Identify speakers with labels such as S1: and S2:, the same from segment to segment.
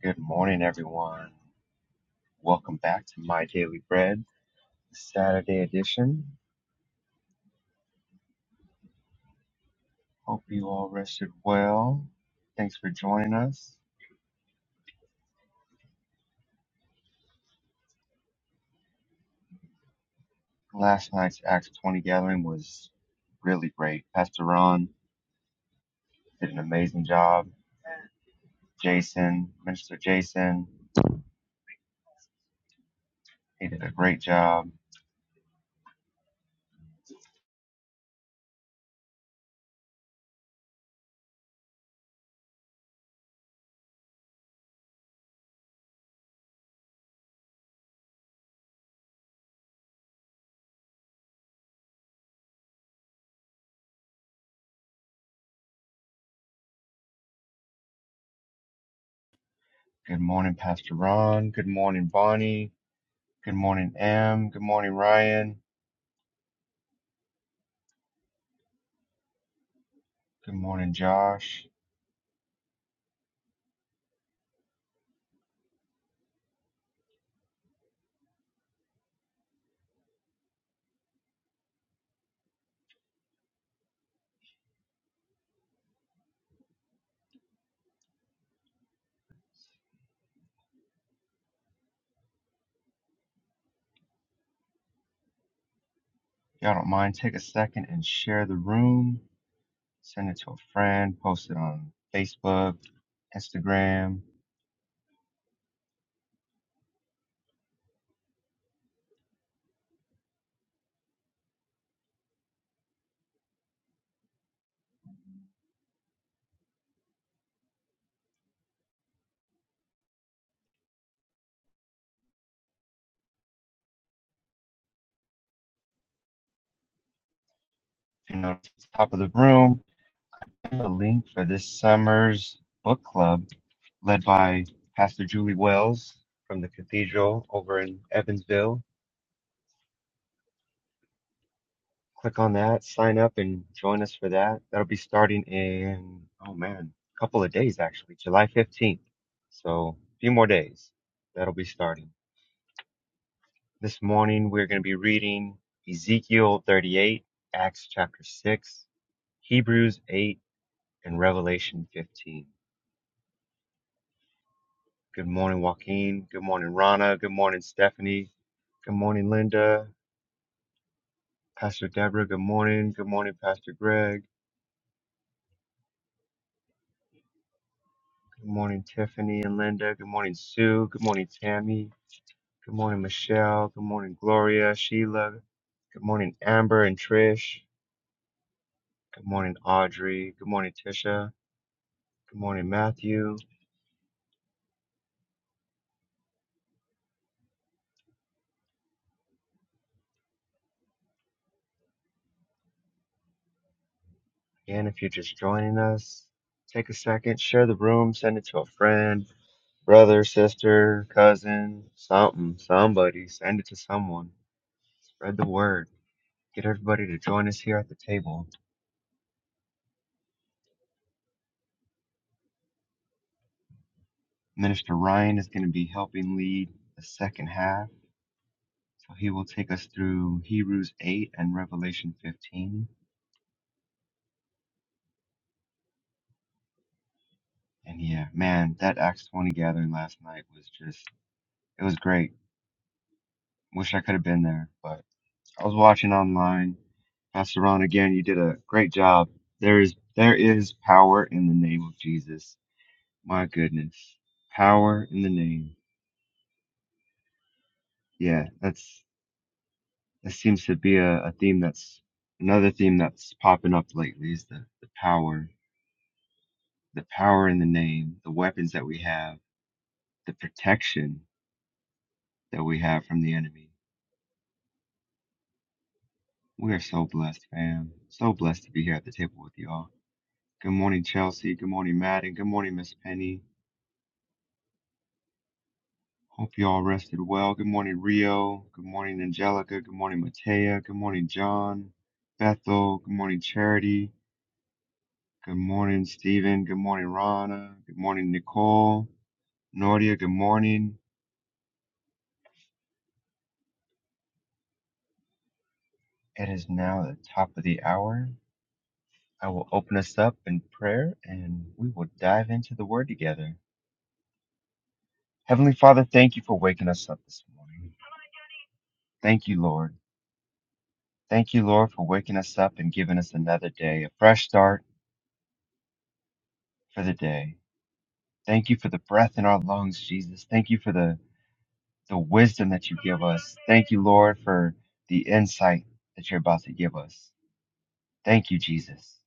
S1: Good morning, everyone. Welcome back to My Daily Bread, the Saturday edition. Hope you all rested well. Thanks for joining us. Last night's Acts 20 gathering was really great. Pastor Ron did an amazing job. Jason, Minister Jason, he did a great job. Good morning, Pastor Ron. Good morning, Bonnie. Good morning, Em. Good morning, Ryan. Good morning, Josh. If y'all don't mind, take a second and share the room send it to a friend, post it on Facebook, Instagram. If you know, top of the room, a link for this summer's book club led by Pastor Julie Wells from the Cathedral over in Evansville. Click on that, sign up, and join us for that. That'll be starting in, oh man, a couple of days actually, July 15th. So, a few more days. That'll be starting. This morning we're going to be reading Ezekiel 38, Acts chapter 6, Hebrews 8, and Revelation 15. Good morning, Joaquin. Good morning, Rana. Good morning, Stephanie. Good morning, Linda. Pastor Deborah, good morning. Good morning, Pastor Greg. Good morning, Tiffany and Linda. Good morning, Sue. Good morning, Tammy. Good morning, Michelle. Good morning, Gloria, Sheila. Good morning, Amber and Trish. Good morning, Audrey. Good morning, Tisha. Good morning, Matthew. Again, if you're just joining us, take a second, share the room, send it to a friend, brother, sister, cousin, something, somebody. Send it to someone. Spread the word. Get everybody to join us here at the table. Minister Ryan is going to be helping lead the second half. So he will take us through Hebrews 8 and Revelation 15. And yeah, man, that Acts 20 gathering last night was just, it was great. Wish I could have been there, but. I was watching online. Pastor Ron, again, you did a great job. There is there is power in the name of Jesus. My goodness. Power in the name. Yeah, that's that seems to be a, a theme that's another theme that's popping up lately is the, the power. The power in the name, the weapons that we have, the protection that we have from the enemy. We are so blessed, fam. So blessed to be here at the table with y'all. Good morning, Chelsea. Good morning, Madden. Good morning, Miss Penny. Hope you all rested well. Good morning, Rio. Good morning, Angelica. Good morning, Matea. Good morning, John. Bethel. Good morning, Charity. Good morning, Stephen. Good morning, Rana. Good morning, Nicole. Nordia, good morning. It is now the top of the hour. I will open us up in prayer and we will dive into the word together. Heavenly Father, thank you for waking us up this morning. Thank you, Lord. Thank you, Lord, for waking us up and giving us another day, a fresh start for the day. Thank you for the breath in our lungs, Jesus. Thank you for the, the wisdom that you give us. Thank you, Lord, for the insight that you're about to give us. Thank you, Jesus.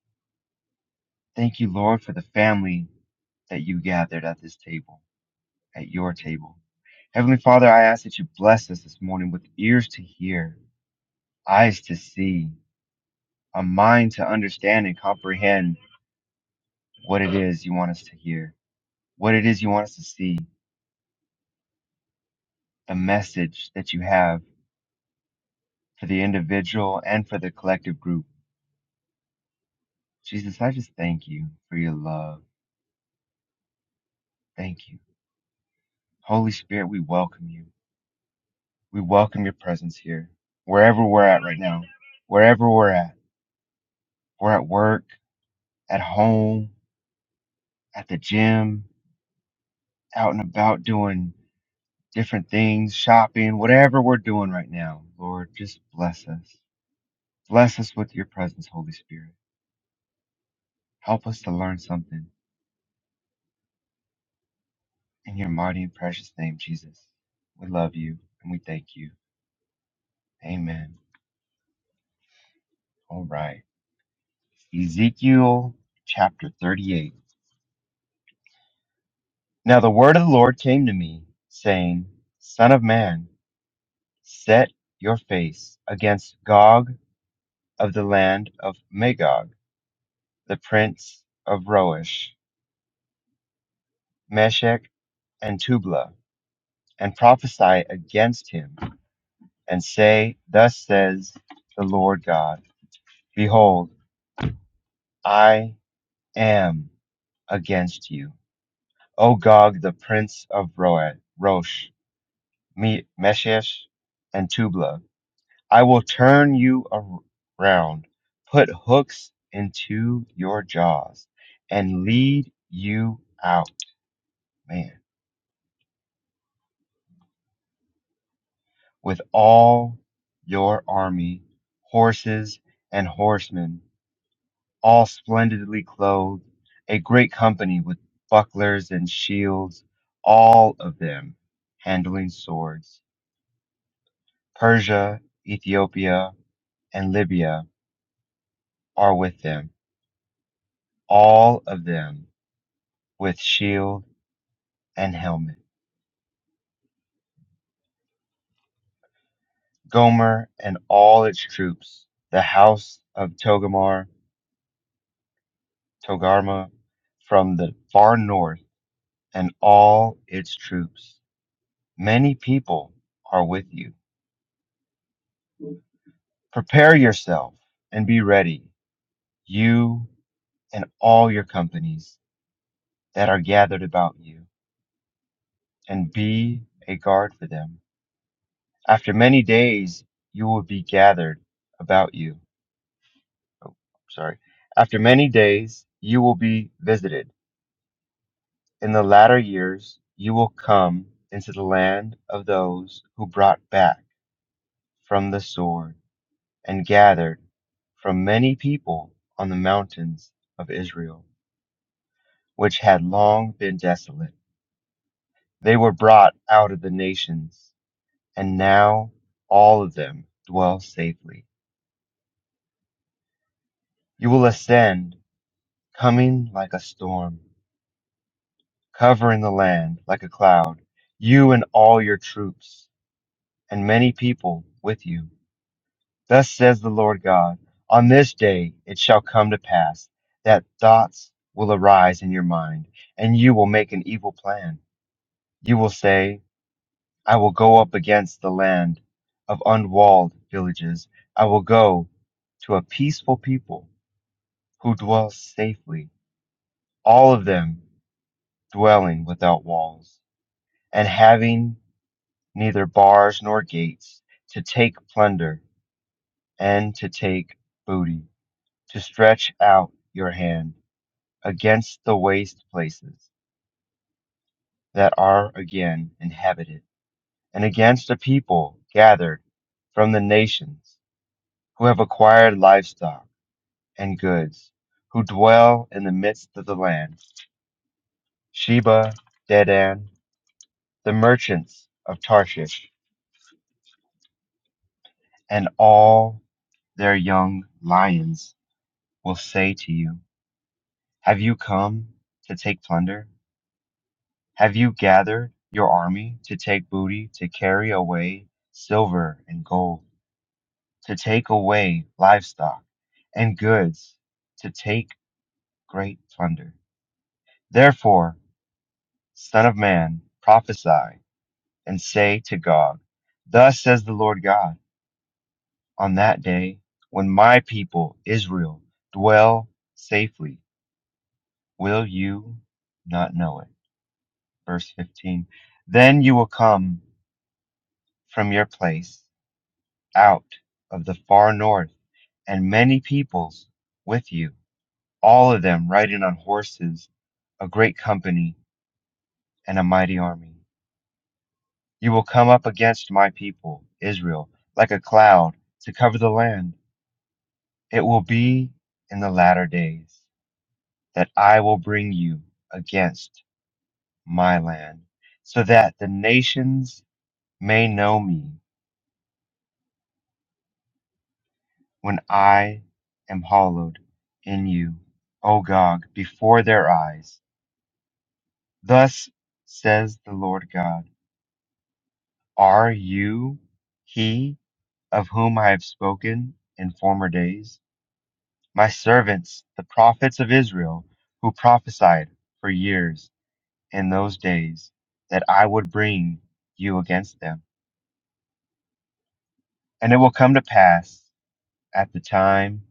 S1: Thank you, Lord, for the family that you gathered at this table, at your table. Heavenly Father, I ask that you bless us this morning with ears to hear, eyes to see, a mind to understand and comprehend what it is you want us to hear, what it is you want us to see, the message that you have for the individual and for the collective group. Jesus, I just thank you for your love. Thank you. Holy Spirit, we welcome you. We welcome your presence here, wherever we're at right now, wherever we're at. We're at work, at home, at the gym, out and about doing different things, shopping, whatever we're doing right now. Lord, just bless us. Bless us with your presence, Holy Spirit. Help us to learn something. In your mighty and precious name, Jesus, we love you and we thank you. Amen. All right. Ezekiel chapter 38. Now the word of the Lord came to me, saying, Son of man, set your face against Gog of the land of Magog, the prince of Roish, Meshech, and Tubla, and prophesy against him, and say, Thus says the Lord God, Behold, I am against you, O Gog, the prince of Roish Me- Meshesh and Tubla. I will turn you ar- around, put hooks into your jaws, and lead you out, man, with all your army, horses and horsemen, all splendidly clothed, a great company with bucklers and shields, all of them handling swords. Persia, Ethiopia, and Libya are with them all of them with shield and helmet. Gomer and all its troops, the house of Togarmah, Togarma from the far north, and all its troops. Many people are with you. Prepare yourself and be ready, you and all your companies that are gathered about you, and be a guard for them. After many days, you will be gathered about you sorry. After many days, you will be visited. In the latter years, you will come into the land of those who brought back from the sword and gathered from many people on the mountains of Israel, which had long been desolate. They were brought out of the nations, and now all of them dwell safely. You will ascend, coming like a storm. covering the land like a cloud, you and all your troops, and many people with you. Thus says the Lord God On this day it shall come to pass that thoughts will arise in your mind, and you will make an evil plan. You will say, I will go up against the land of unwalled villages. I will go to a peaceful people who dwell safely, all of them dwelling without walls and having neither bars nor gates, to take plunder and to take booty, to stretch out your hand against the waste places that are again inhabited, and against a people gathered from the nations who have acquired livestock and goods, who dwell in the midst of the land. Sheba, Dedan, the merchants of Tarshish, and all their young lions will say to you, Have you come to take plunder? Have you gathered your army to take booty, to carry away silver and gold, to take away livestock and goods, to take great plunder? Therefore, Son of Man, prophesy and say to Gog, Thus says the Lord God, on that day when my people Israel dwell safely, will you not know it? Verse 15. Then you will come from your place out of the far north, and many peoples with you, all of them riding on horses, a great company and a mighty army. You will come up against my people, Israel, like a cloud to cover the land. It will be in the latter days that I will bring you against my land, so that the nations may know me when I am hallowed in you, O Gog, before their eyes. Thus says the Lord God, Are you he of whom I have spoken in former days? My servants, the prophets of Israel, who prophesied for years in those days that I would bring you against them. And it will come to pass at the time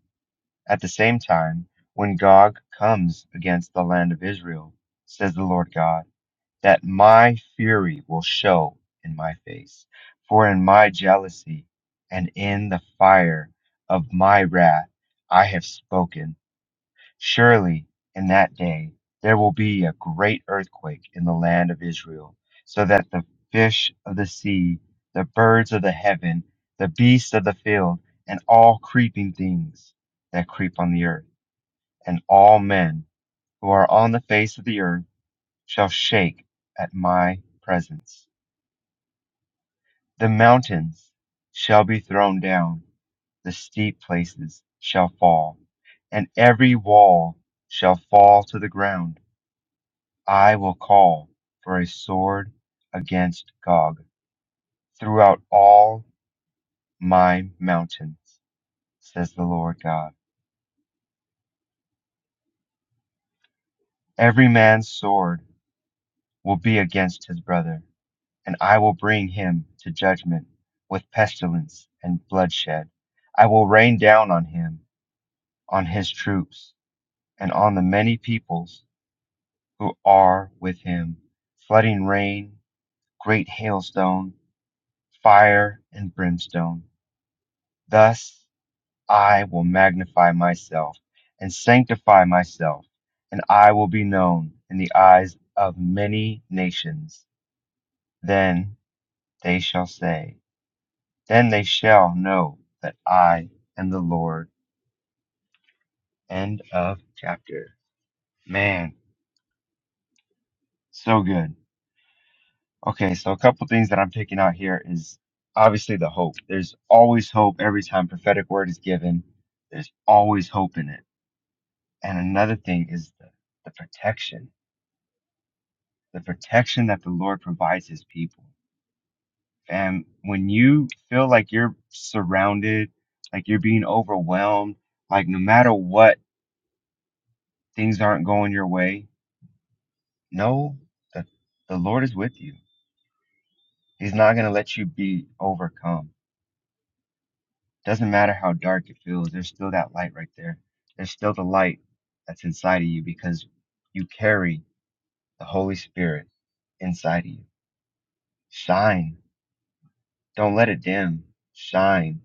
S1: At the same time, when Gog comes against the land of Israel, says the Lord God, that my fury will show in my face, for in my jealousy and in the fire of my wrath I have spoken. Surely in that day there will be a great earthquake in the land of Israel, so that the fish of the sea, the birds of the heaven, the beasts of the field, and all creeping things that creep on the earth and all men who are on the face of the earth shall shake at my presence. The mountains shall be thrown down, the steep places shall fall, and every wall shall fall to the ground. I will call for a sword against Gog throughout all my mountains, says the Lord God. Every man's sword will be against his brother and I will bring him to judgment with pestilence and bloodshed. I will rain down on him, on his troops, and on the many peoples who are with him, flooding rain, great hailstone, fire, and brimstone. Thus I will magnify myself and sanctify myself, and I will be known in the eyes of many nations. Then they shall say, Then they shall know that I am the Lord. End of chapter. Man, so good. Okay, so a couple things that I'm picking out here is obviously the hope. There's always hope every time prophetic word is given. There's always hope in it. And another thing is the, the protection, the protection that the Lord provides his people. And when you feel like you're surrounded, like you're being overwhelmed, like no matter what, things aren't going your way, Know that the Lord is with you. He's not going to let you be overcome. Doesn't matter how dark it feels, there's still that light right there. There's still the light that's inside of you because you carry the Holy Spirit inside of you. Shine. Don't let it dim. Shine.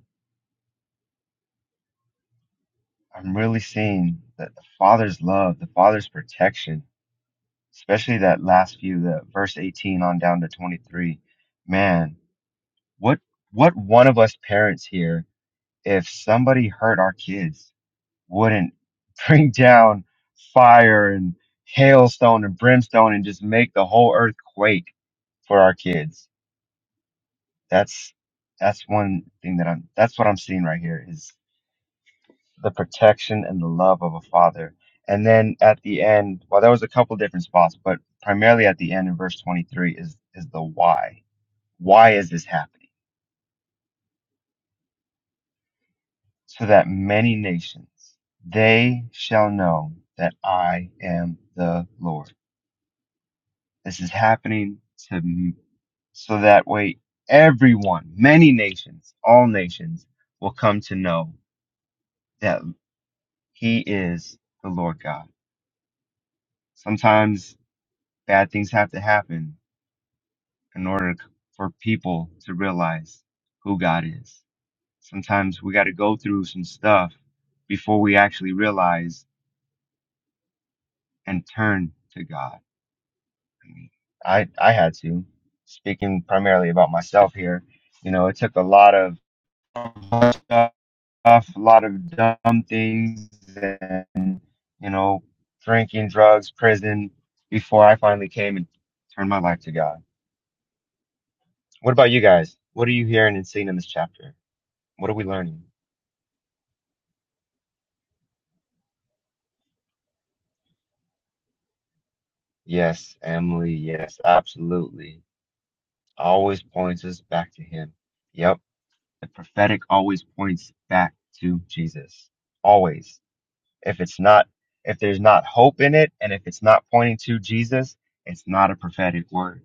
S1: I'm really seeing that the Father's love, the Father's protection, especially that last few, the verse 18 on down to 23. Man, what what one of us parents here if somebody hurt our kids, wouldn't bring down fire and hailstone and brimstone and just make the whole earth quake for our kids. That's that's one thing that I'm that's what I'm seeing right here is the protection and the love of a father. And then at the end, well there was a couple different spots, but primarily at the end in verse 23 is is the why. Why is this happening? so that many nations they shall know that I am the Lord. This is happening to m- so that way everyone, many nations, all nations will come to know that he is the Lord God. Sometimes bad things have to happen in order for people to realize who God is. Sometimes we got to go through some stuff before we actually realize and turn to God I I had to. Speaking primarily about myself here, you know, it took a lot of stuff, a lot of dumb things, and you know, drinking, drugs, prison, before I finally came and turned my life to God. What about you guys? What are you hearing and seeing in this chapter? What are we learning? Yes, Emily. Yes, absolutely. Always points us back to Him. Yep, the prophetic always points back to Jesus. Always If it's not, if there's not hope in it, and if it's not pointing to Jesus, it's not a prophetic word.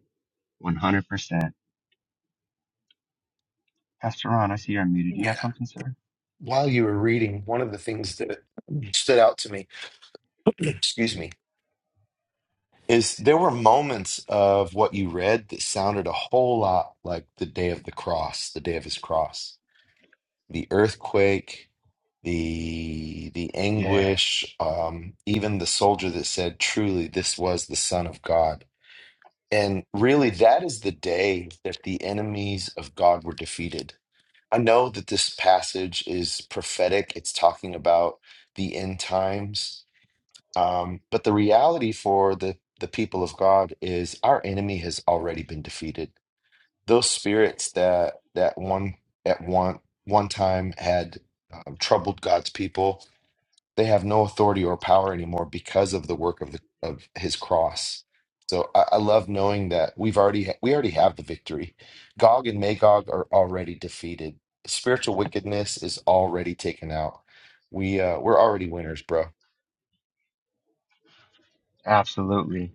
S1: 100%. Pastor Ron, I see you're muted. Do you have
S2: Yeah.
S1: something, sir?
S2: While you were reading, one of the things that stood out to me, excuse me, is there were moments of what you read that sounded a whole lot like the day of the cross, the day of his cross, the earthquake, the the
S1: Yes,
S2: anguish, um, even the soldier that said, "Truly, this was the Son of God." And really, that is the day that the enemies of God were defeated. I know that this passage is prophetic. It's talking about the end times. Um, but the reality for the, the people of God is our enemy has already been defeated. Those spirits that that one at one one time had um, troubled God's people, they have no authority or power anymore because of the work of the of his cross. So I, I love knowing that we've already we already have the victory. Gog and Magog are already defeated. Spiritual wickedness is already taken out. We uh we're already winners, bro.
S1: absolutely.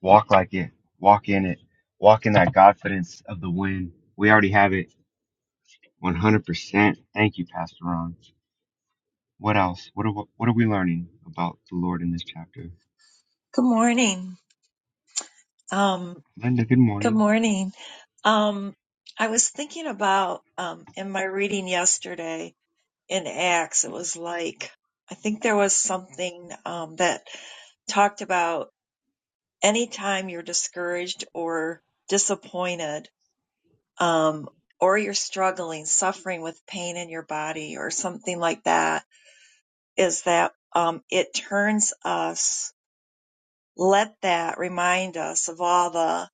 S1: Walk like it. Walk in it. Walk in that confidence of the win. We already have it. 100%. Thank you, Pastor Ron. What else? What are, what are we learning about the Lord in this chapter?
S3: Good morning. Um,
S1: Linda, good
S3: good
S1: morning.
S3: morning. Um, I was thinking about um, in my reading yesterday in Acts, it was like, I think there was something um, that talked about anytime you're discouraged or disappointed um, or you're struggling, suffering with pain in your body or something like that, is that um, it turns us, let that remind us of all the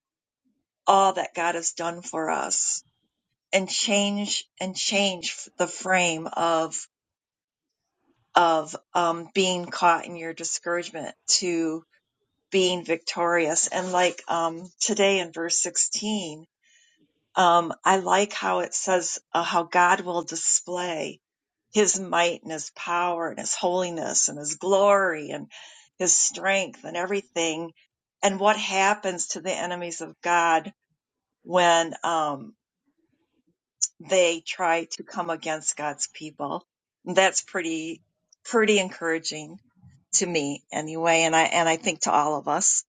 S3: all that God has done for us and change and change the frame of of um, being caught in your discouragement to being victorious. And like um, today in verse 16, um, I like how it says uh, how God will display his might and his power and his holiness and his glory and his strength and everything. And what happens to the enemies of God when, um, they try to come against God's people. That's pretty, pretty encouraging to me anyway. And I, and I think to all of us.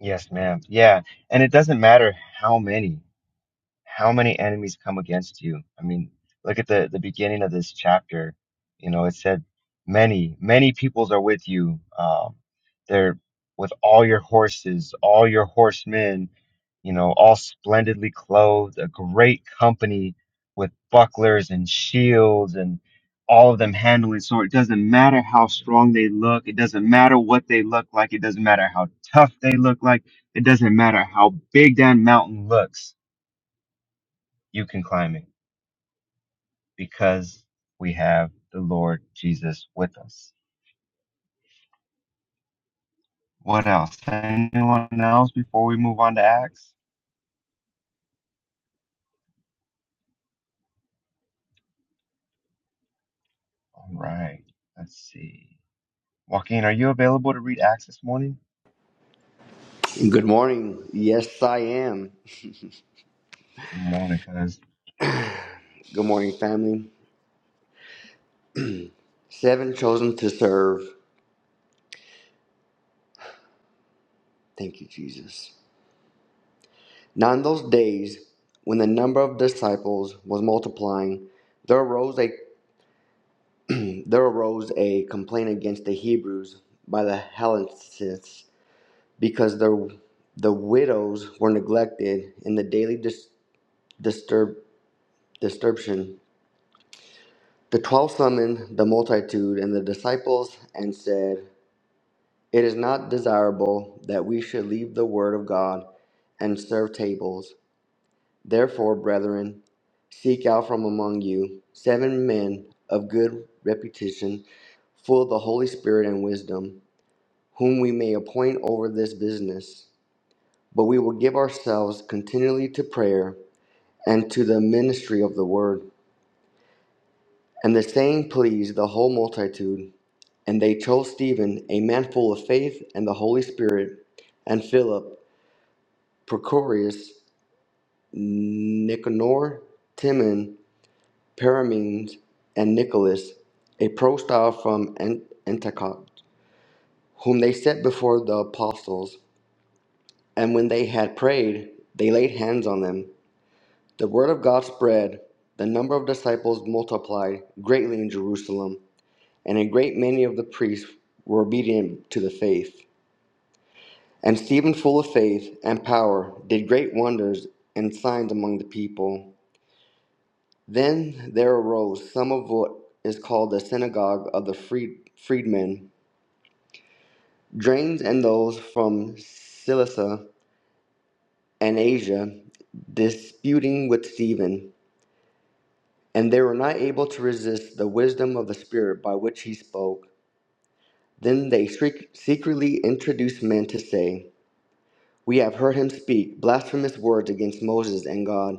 S1: Yes, ma'am. Yeah. And it doesn't matter how many. how many enemies come against you. I mean, look at the, the beginning of this chapter. You know, it said, many, many peoples are with you. Um, they're with all your horses, all your horsemen, you know, all splendidly clothed, a great company with bucklers and shields and all of them handling sword. It doesn't matter how strong they look. It doesn't matter what they look like. It doesn't matter how tough they look like. It doesn't matter how big that mountain looks you can climb it because we have the Lord Jesus with us. What else? Anyone else before we move on to Acts? All right, let's see. Joaquin, are you available to read Acts this morning?
S4: Good morning. Yes, I am.
S1: Good morning, cuz.
S4: Good morning, family. Seven chosen to serve. Thank you, Jesus. Now, in those days, when the number of disciples was multiplying, there arose a there arose a complaint against the Hebrews by the Hellenists because their the widows were neglected in the daily dis, disturb disturbance. The twelve summoned the multitude and the disciples and said, It is not desirable that we should leave the word of God and serve tables. Therefore, brethren, seek out from among you seven men of good reputation, full of the Holy Spirit and wisdom, whom we may appoint over this business. But we will give ourselves continually to prayer and to the ministry of the word. And the saying pleased the whole multitude. And they chose Stephen, a man full of faith and the Holy Spirit, and Philip Prochorus, Nicanor, Timon, Paramenes, and Nicholas, a prostyle from An- Antioch, whom they set before the apostles. And when they had prayed, they laid hands on them. The word of God spread, the number of disciples multiplied greatly in Jerusalem, and a great many of the priests were obedient to the faith. And Stephen, full of faith and power, did great wonders and signs among the people. Then there arose some of what is called the synagogue of the freed, freedmen, drains and those from Cilicia and Asia, disputing with Stephen. And they were not able to resist the wisdom of the Spirit by which he spoke. Then they shriek- secretly introduced men to say, We have heard him speak blasphemous words against Moses and God.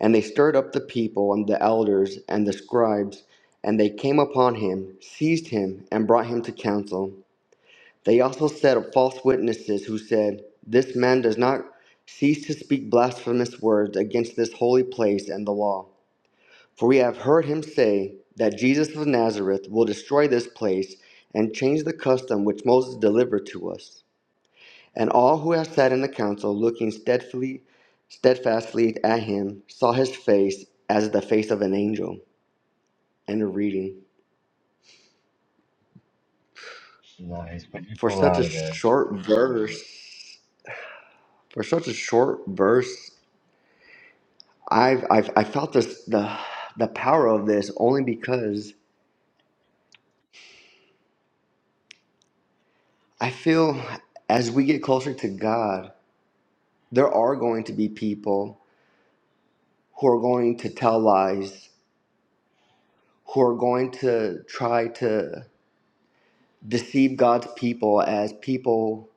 S4: And they stirred up the people and the elders and the scribes, and they came upon him, seized him, and brought him to council. They also set up false witnesses who said, This man does not cease to speak blasphemous words against this holy place and the law. For we have heard him say that Jesus of Nazareth will destroy this place and change the custom which Moses delivered to us. And all who had sat in the council, looking steadfastly, steadfastly at him, saw his face as the face of an angel. End of reading.
S1: Nice, but you
S4: For
S1: pull
S4: such
S1: out
S4: a
S1: of there.
S4: short verse, for such a short verse, I've, I've I felt this the the power of this only because I feel as we get closer to God, there are going to be people who are going to tell lies, who are going to try to deceive God's people as people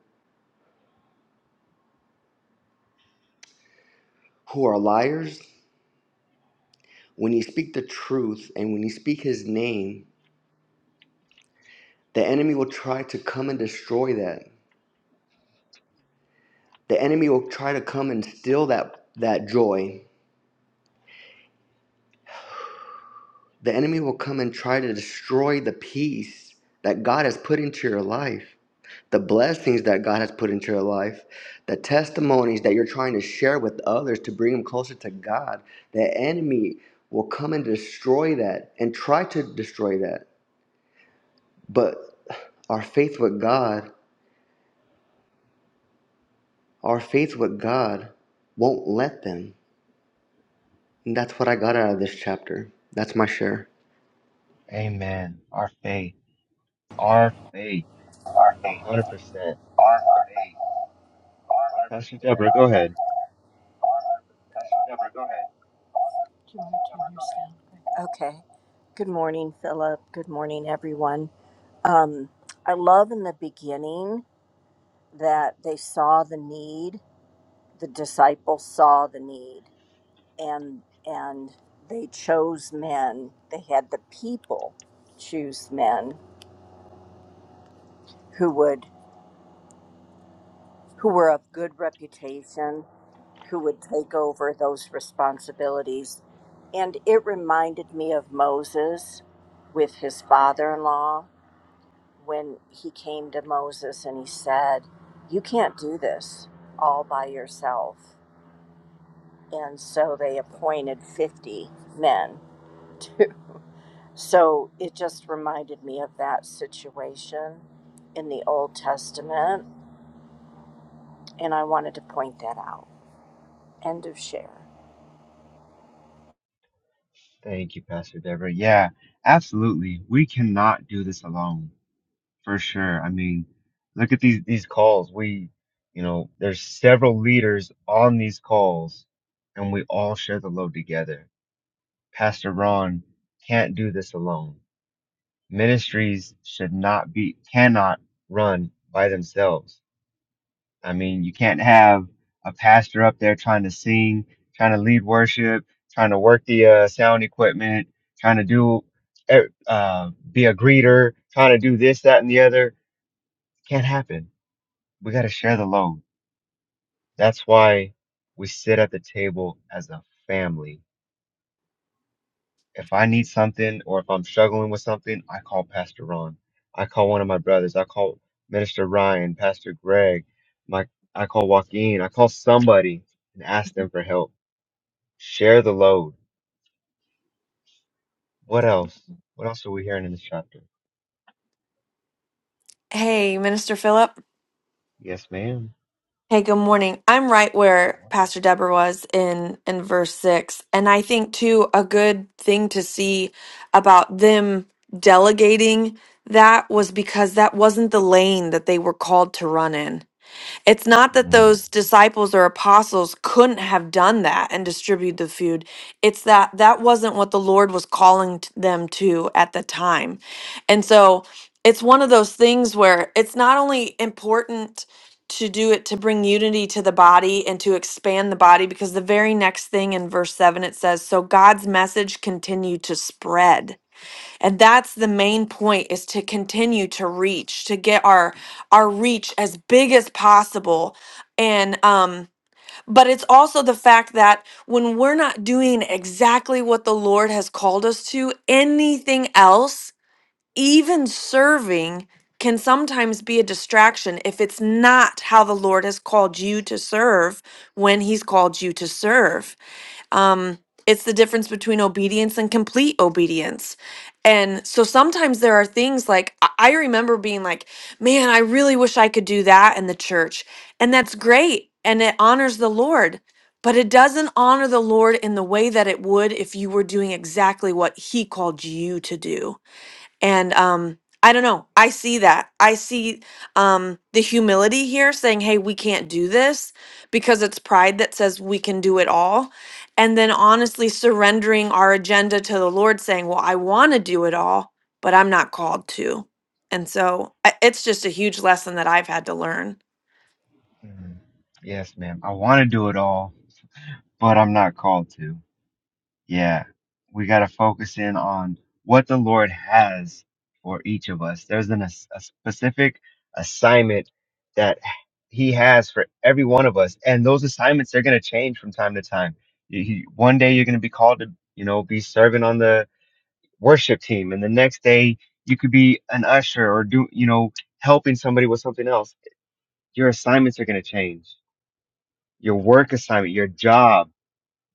S4: who are liars, when you speak the truth and when you speak his name, the enemy will try to come and destroy that. The enemy will try to come and steal that that joy. The enemy will come and try to destroy the peace that God has put into your life, the blessings that God has put into your life, the testimonies that you're trying to share with others to bring them closer to God. The enemy will come and destroy that and try to destroy that. But our faith with God Our faith with God won't let them. And that's what I got out of this chapter. That's my share.
S1: Amen. Our faith, our faith,
S5: R8.
S1: 100%.
S5: R8.
S1: Pastor Deborah, go ahead.
S5: Deborah, go ahead. Okay. Good morning, Philip. Good morning, everyone. Um, I love in the beginning that they saw the need. The disciples saw the need, and and they chose men. They had the people choose men who would who were of good reputation, who would take over those responsibilities. And it reminded me of Moses with his father in law when he came to Moses and he said, You can't do this all by yourself. And so they appointed 50 men. To, so it just reminded me of that situation in the Old Testament. And I wanted to point that out. End of share.
S1: Thank you, Pastor Deborah. Yeah, absolutely. We cannot do this alone. For sure. I mean, look at these these calls. We, you know, there's several leaders on these calls, and we all share the load together. Pastor Ron can't do this alone. Ministries should not be cannot run by themselves. I mean, you can't have a pastor up there trying to sing, trying to lead worship, trying to work the uh, sound equipment, trying to do eh, uh, be a greeter, trying to do this, that, and the other. Can't happen we got to share the load. That's why we sit at the table as a family. If I need something or if I'm struggling with something, I call Pastor Ron. I call one of my brothers. I call Minister Ryan, Pastor Greg. My I call Joaquin. I call somebody and ask them for help. Share the load. What else? What else are we hearing in this chapter?
S6: Hey, Minister Philip.
S1: Yes, ma'am.
S6: Hey, good morning. I'm right where
S1: Good
S6: Pastor Deborah was in in verse 6. And I think too a good thing to see about them delegating that was because that wasn't the lane that they were called to run in. It's not that
S1: morning.
S6: those disciples or apostles couldn't have done that and distributed the food. It's that that wasn't what the Lord was calling t- them to at the time. And so it's one of those things where it's not only important to do it to bring unity to the body and to expand the body, because the very next thing in verse 7 it says, So God's message continued to spread and that's the main point is to continue to reach to get our our reach as big as possible and um but it's also the fact that when we're not doing exactly what the lord has called us to anything else even serving can sometimes be a distraction if it's not how the lord has called you to serve when he's called you to serve um, it's the difference between obedience and complete obedience. And so sometimes there are things like I I remember being like, man, I really wish I could do that in the church. And that's great. And it honors the Lord. But it doesn't honor the Lord in the way that it would if you were doing exactly what He called you to do and um, I don't know. I see that. I see um, the humility here saying, hey, we can't do this because it's pride that says we can do it all. And then honestly surrendering our agenda to the Lord, saying, well, I want to do it all, but I'm not called to. And so I- it's just a huge lesson that I've had to learn.
S1: Mm, mm. Yes, ma'am. I want to do it all, but I'm not called to. Yeah, we got to focus in on what the Lord has for each of us. There's an, ass- a specific assignment that He has for every one of us, and those assignments they're going to change from time to time. You- you- one day you're going to be called to, you know, be serving on the worship team, and the next day you could be an usher or do, you know, helping somebody with something else. Your assignments are going to change. Your work assignment, your job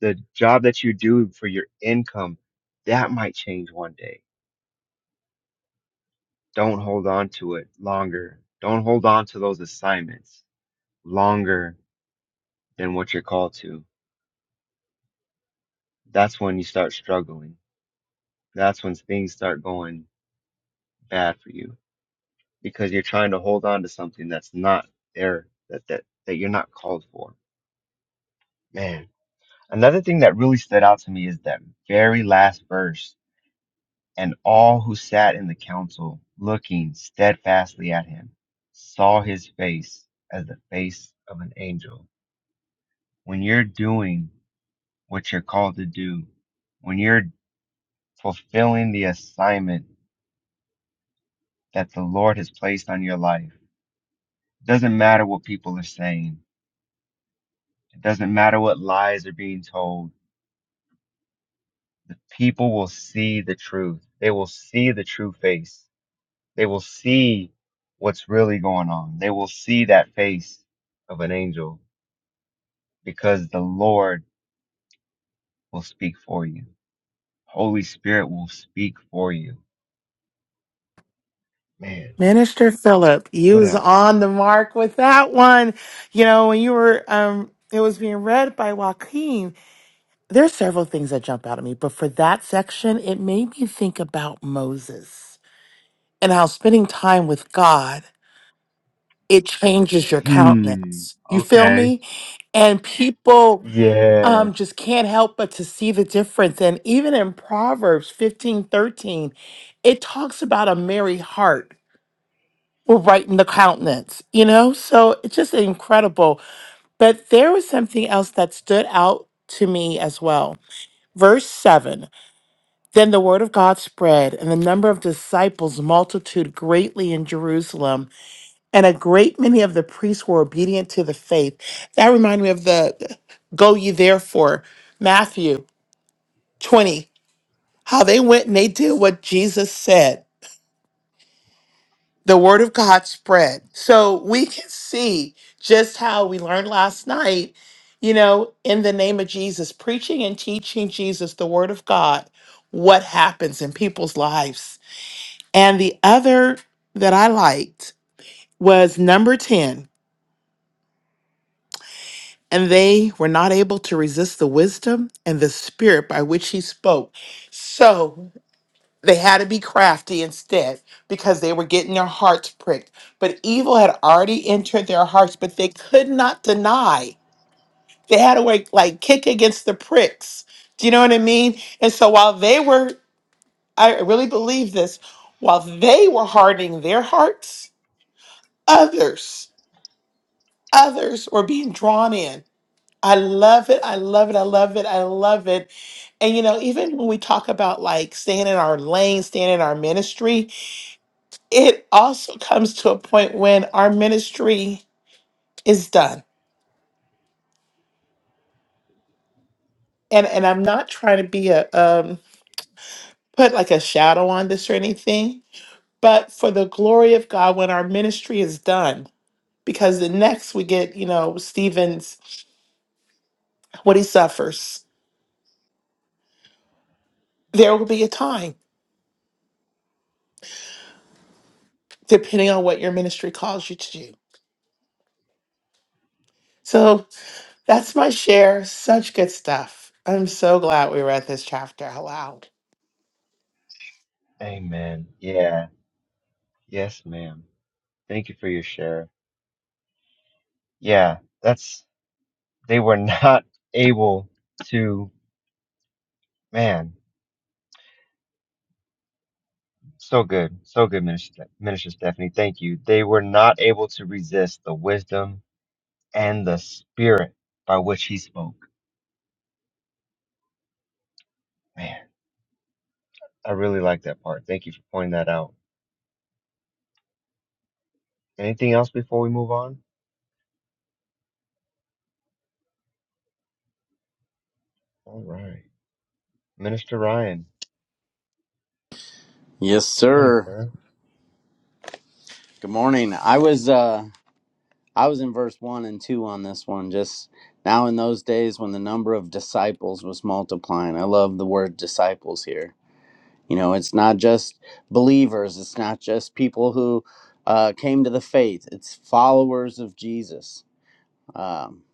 S1: the job that you do for your income, that might change one day. Don't hold on to it longer. Don't hold on to those assignments longer than what you're called to. That's when you start struggling. That's when things start going bad for you because you're trying to hold on to something that's not there, that, that, that you're not called for. Man, another thing that really stood out to me is that very last verse And all who sat in the council, looking steadfastly at him, saw his face as the face of an angel. When you're doing what you're called to do, when you're fulfilling the assignment that the Lord has placed on your life, it doesn't matter what people are saying, it doesn't matter what lies are being told, the people will see the truth. They will see the true face They will see what's really going on. They will see that face of an angel because the Lord will speak for you. Holy Spirit will speak for you. Man,
S7: Minister Philip, you
S1: what
S7: was
S1: else?
S7: on the mark with that one. You know, when you were um it was being read by Joaquin, there's several things that jump out at me, but for that section, it made me think about Moses and how spending time with God, it changes your
S1: Hmm.
S7: countenance. You feel
S1: Okay.
S7: me? And people um
S1: Yes.
S7: just can't help but to see the difference. And even in Proverbs 15:13, it talks about a merry heart were right in the countenance, you know? So it's just incredible. But there was something else that stood out to me as well. Verse 7 Then the word of God spread, and the number of disciples multitude greatly in Jerusalem, and a great many of the priests were obedient to the faith. That reminded me of the go ye therefore, Matthew 20, how they went and they did what Jesus said the word of God spread. So we can see just how we learned last night, you know, in the name of Jesus, preaching and teaching Jesus the word of God, what happens in people's lives. And the other that I liked was number 10. And they were not able to resist the wisdom and the spirit by which he spoke. So They had to be crafty instead because they were getting their hearts pricked. But evil had already entered their hearts, but they could not deny. They had to like, like kick against the pricks. Do you know what I mean? And so while they were, I really believe this, while they were hardening their hearts, others, others were being drawn in. I love it. I love it. I love it. I love it. And you know, even when we talk about like staying in our lane, staying in our ministry, it also comes to a point when our ministry is done. And and I'm not trying to be a um put like a shadow on this or anything, but for the glory of God when our ministry is done, because the next we get, you know, Stephen's what he suffers. There will be a time depending on what your ministry calls you to do. So that's my share. Such good stuff. I'm so glad we read this chapter aloud.
S1: Amen. Yeah. Yes, ma'am. Thank you for your share. Yeah. That's, they were not able to, man, so good. So good, Minister, Minister Stephanie. Thank you. They were not able to resist the wisdom and the spirit by which he spoke. Man, I really like that part. Thank you for pointing that out. Anything else before we move on? All right. Minister Ryan,
S8: Yes,
S1: good morning,
S8: sir.
S1: sir.
S8: Good morning. I was uh I was in verse 1 and 2 on this one. Just now in those days when the number of disciples was multiplying. I love the word disciples here. You know, it's not just believers, it's not just people who uh came to the faith. It's followers of Jesus. Um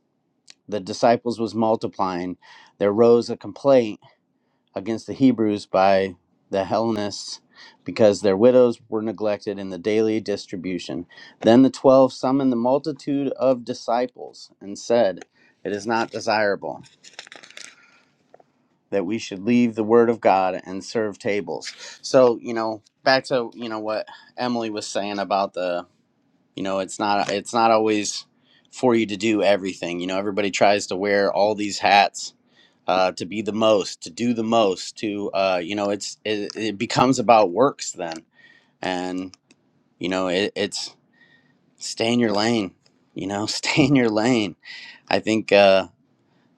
S8: the disciples was multiplying. There rose a complaint against the Hebrews by the Hellenists because their widows were neglected in the daily distribution. Then the twelve summoned the multitude of disciples and said, It is not desirable that we should leave the word of God and serve tables. So, you know, back to, you know, what Emily was saying about the, you know, it's not it's not always for you to do everything. You know, everybody tries to wear all these hats uh, to be the most, to do the most, to uh, you know, it's it, it becomes about works then, and you know, it, it's stay in your lane, you know, stay in your lane. I think uh,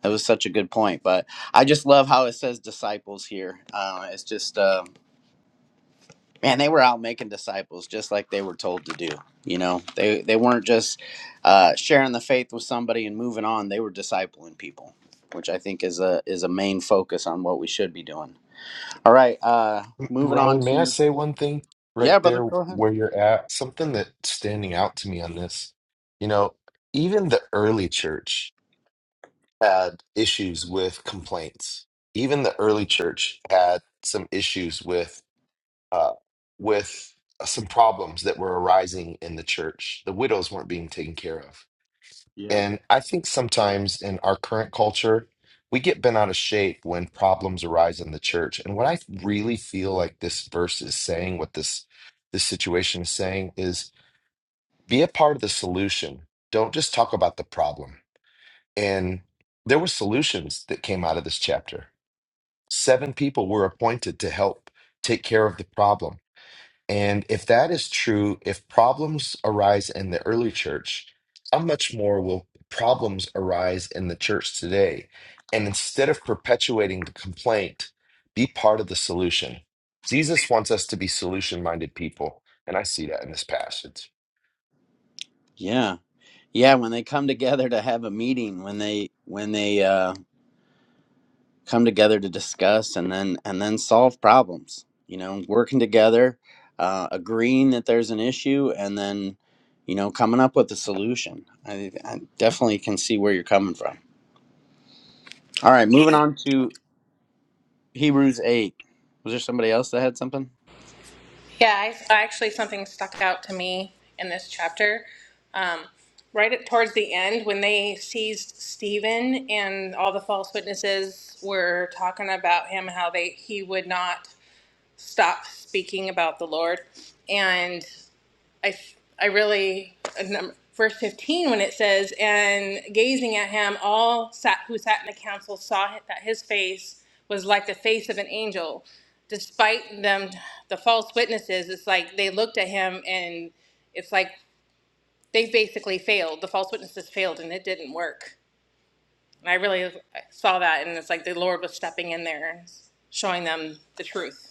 S8: that was such a good point, but I just love how it says disciples here. Uh, it's just uh, man, they were out making disciples just like they were told to do. You know, they they weren't just uh, sharing the faith with somebody and moving on. They were discipling people, which I think is a is a main focus on what we should be doing. All right. Uh, moving on
S2: Ryan, may I
S8: to
S2: say one thing right
S8: yeah, brother.
S2: there
S8: Go ahead.
S2: where you're at? Something that's standing out to me on this. You know, even the early church. had issues with complaints. Even the early church had some issues with uh, with some problems that were arising in the church. The widows weren't being taken care of,
S8: Yeah.
S2: and I think sometimes in our current culture, we get bent out of shape when problems arise in the church. And what I really feel like this verse is saying, what this this situation is saying, is be a part of the solution. Don't just talk about the problem and there were solutions that came out of this chapter. Seven people were appointed to help take care of the problem. And if that is true, if problems arise in the early church, how much more will problems arise in the church today? And instead of perpetuating the complaint, be part of the solution. Jesus wants us to be solution minded people. And I see that in this passage.
S8: Yeah. Yeah. When they come together to have a meeting, when they when they uh, come together to discuss and then and then solve problems. You know, working together, uh, agreeing that there's an issue, and then you know coming up with a solution. I, I definitely can see where you're coming from. All right. Moving on to Hebrews eight. Was there somebody else that had something?
S9: Yeah, I, actually, something stuck out to me in this chapter. Um, right at, towards the end, when they seized Stephen and all the false witnesses were talking about him, how they he would not stop speaking about the Lord, and I, I really, uh, verse 15, when it says, And gazing at him, all sat, who sat in the council saw that his face was like the face of an angel. Despite them, the false witnesses, it's like they looked at him and it's like they basically failed. The false witnesses failed and it didn't work. And I really saw that and it's like the Lord was stepping in there and showing them the truth.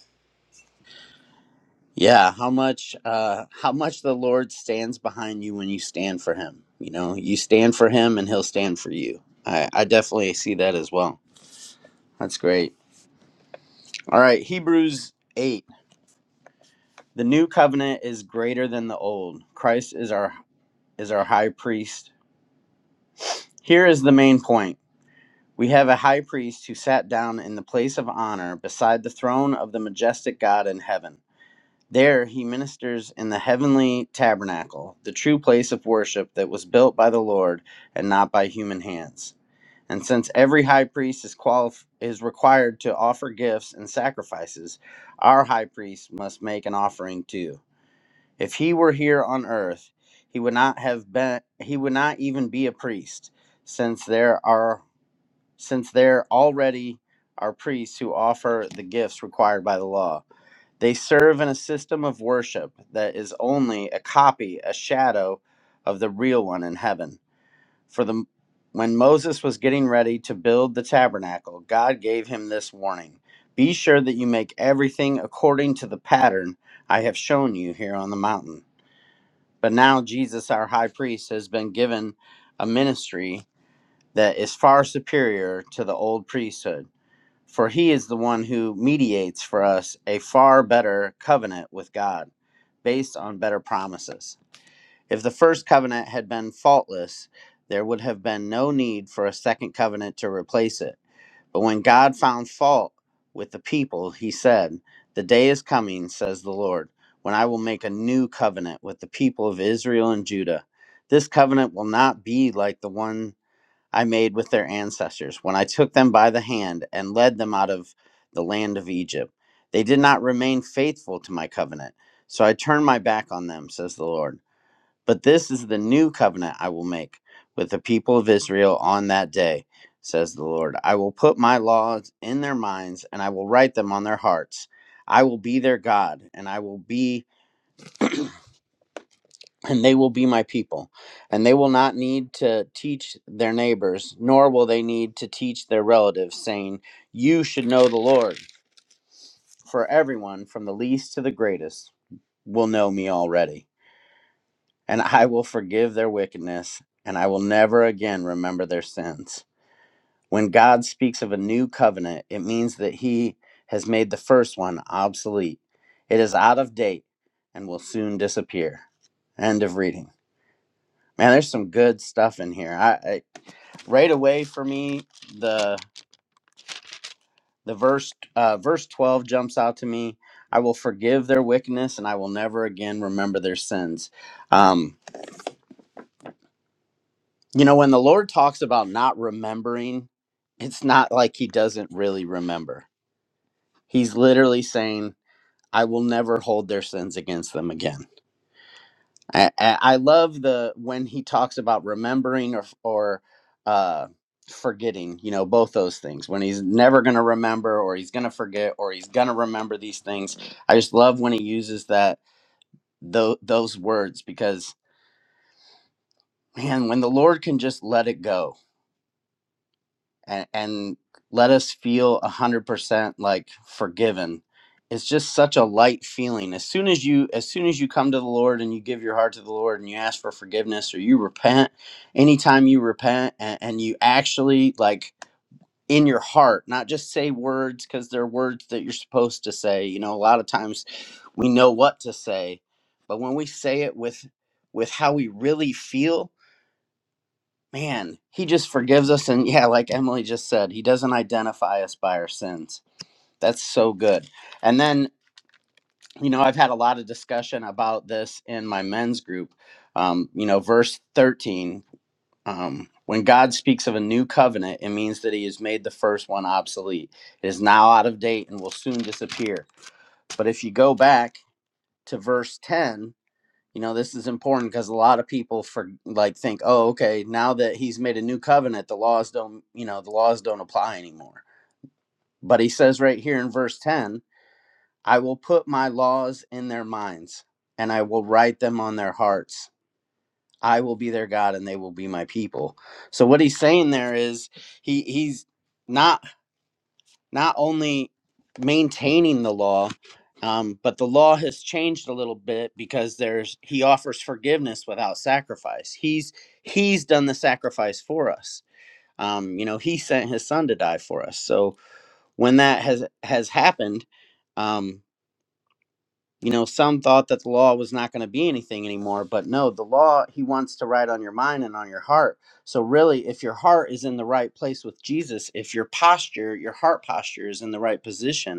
S8: Yeah, how much uh how much the Lord stands behind you when you stand for him. You know, you stand for him and he'll stand for you. I I definitely see that as well. That's great. All right, Hebrews 8. The new covenant is greater than the old. Christ is our is our high priest. Here is the main point. We have a high priest who sat down in the place of honor beside the throne of the majestic God in heaven. There he ministers in the heavenly tabernacle, the true place of worship that was built by the Lord and not by human hands. And since every high priest is qualif- is required to offer gifts and sacrifices, our high priest must make an offering too. If he were here on earth, he would not have been he would not even be a priest, since there are since there already are priests who offer the gifts required by the law. They serve in a system of worship that is only a copy, a shadow of the real one in heaven. For the when Moses was getting ready to build the tabernacle, God gave him this warning. Be sure that you make everything according to the pattern I have shown you here on the mountain. But now Jesus our high priest has been given a ministry that is far superior to the old priesthood for he is the one who mediates for us a far better covenant with God, based on better promises. If the first covenant had been faultless, there would have been no need for a second covenant to replace it. But when God found fault with the people, he said, The day is coming, says the Lord, when I will make a new covenant with the people of Israel and Judah. This covenant will not be like the one I made with their ancestors when I took them by the hand and led them out of the land of Egypt. They did not remain faithful to my covenant, so I turned my back on them, says the Lord. But this is the new covenant I will make with the people of Israel on that day, says the Lord. I will put my laws in their minds and I will write them on their hearts. I will be their God and I will be and they will be my people. And they will not need to teach their neighbors, nor will they need to teach their relatives, saying, You should know the Lord, for everyone, from the least to the greatest, will know me already. And I will forgive their wickedness, and I will never again remember their sins. When God speaks of a new covenant, it means that he has made the first one obsolete. It is out of date and will soon disappear. End of reading. Man, there's some good stuff in here. I, I right away for me, the the verse uh, verse twelve jumps out to me. I will forgive their wickedness, and I will never again remember their sins. Um, you know, when the Lord talks about not remembering, it's not like He doesn't really remember. He's literally saying, "I will never hold their sins against them again." I, I love the when he talks about remembering or or uh, forgetting. You know, both those things. When he's never going to remember, or he's going to forget, or he's going to remember these things. I just love when he uses that tho- those words because man, when the Lord can just let it go, and, and let us feel 100% like forgiven it's just such a light feeling as soon as you as soon as you come to the lord and you give your heart to the lord and you ask for forgiveness or you repent anytime you repent and, and you actually like in your heart not just say words because they're words that you're supposed to say you know a lot of times we know what to say but when we say it with with how we really feel man, he just forgives us. And yeah, like Emily just said, he doesn't identify us by our sins. That's so good. And then, you know, I've had a lot of discussion about this in my men's group. Um, you know, verse 13, um, when God speaks of a new covenant, it means that he has made the first one obsolete. It is now out of date and will soon disappear. But if you go back to verse 10, you know this is important because a lot of people for like think oh okay now that he's made a new covenant the laws don't you know the laws don't apply anymore but he says right here in verse 10 i will put my laws in their minds and i will write them on their hearts i will be their god and they will be my people so what he's saying there is he he's not not only maintaining the law, um, but the law has changed a little bit because there's he offers forgiveness without sacrifice. He's he's done the sacrifice for us. Um, you know, he sent his son to die for us. So when that has has happened, um, you know, some thought that the law was not going to be anything anymore, but no, the law he wants to write on your mind and on your heart. So really, if your heart is in the right place with Jesus, if your posture, your heart posture is in the right position,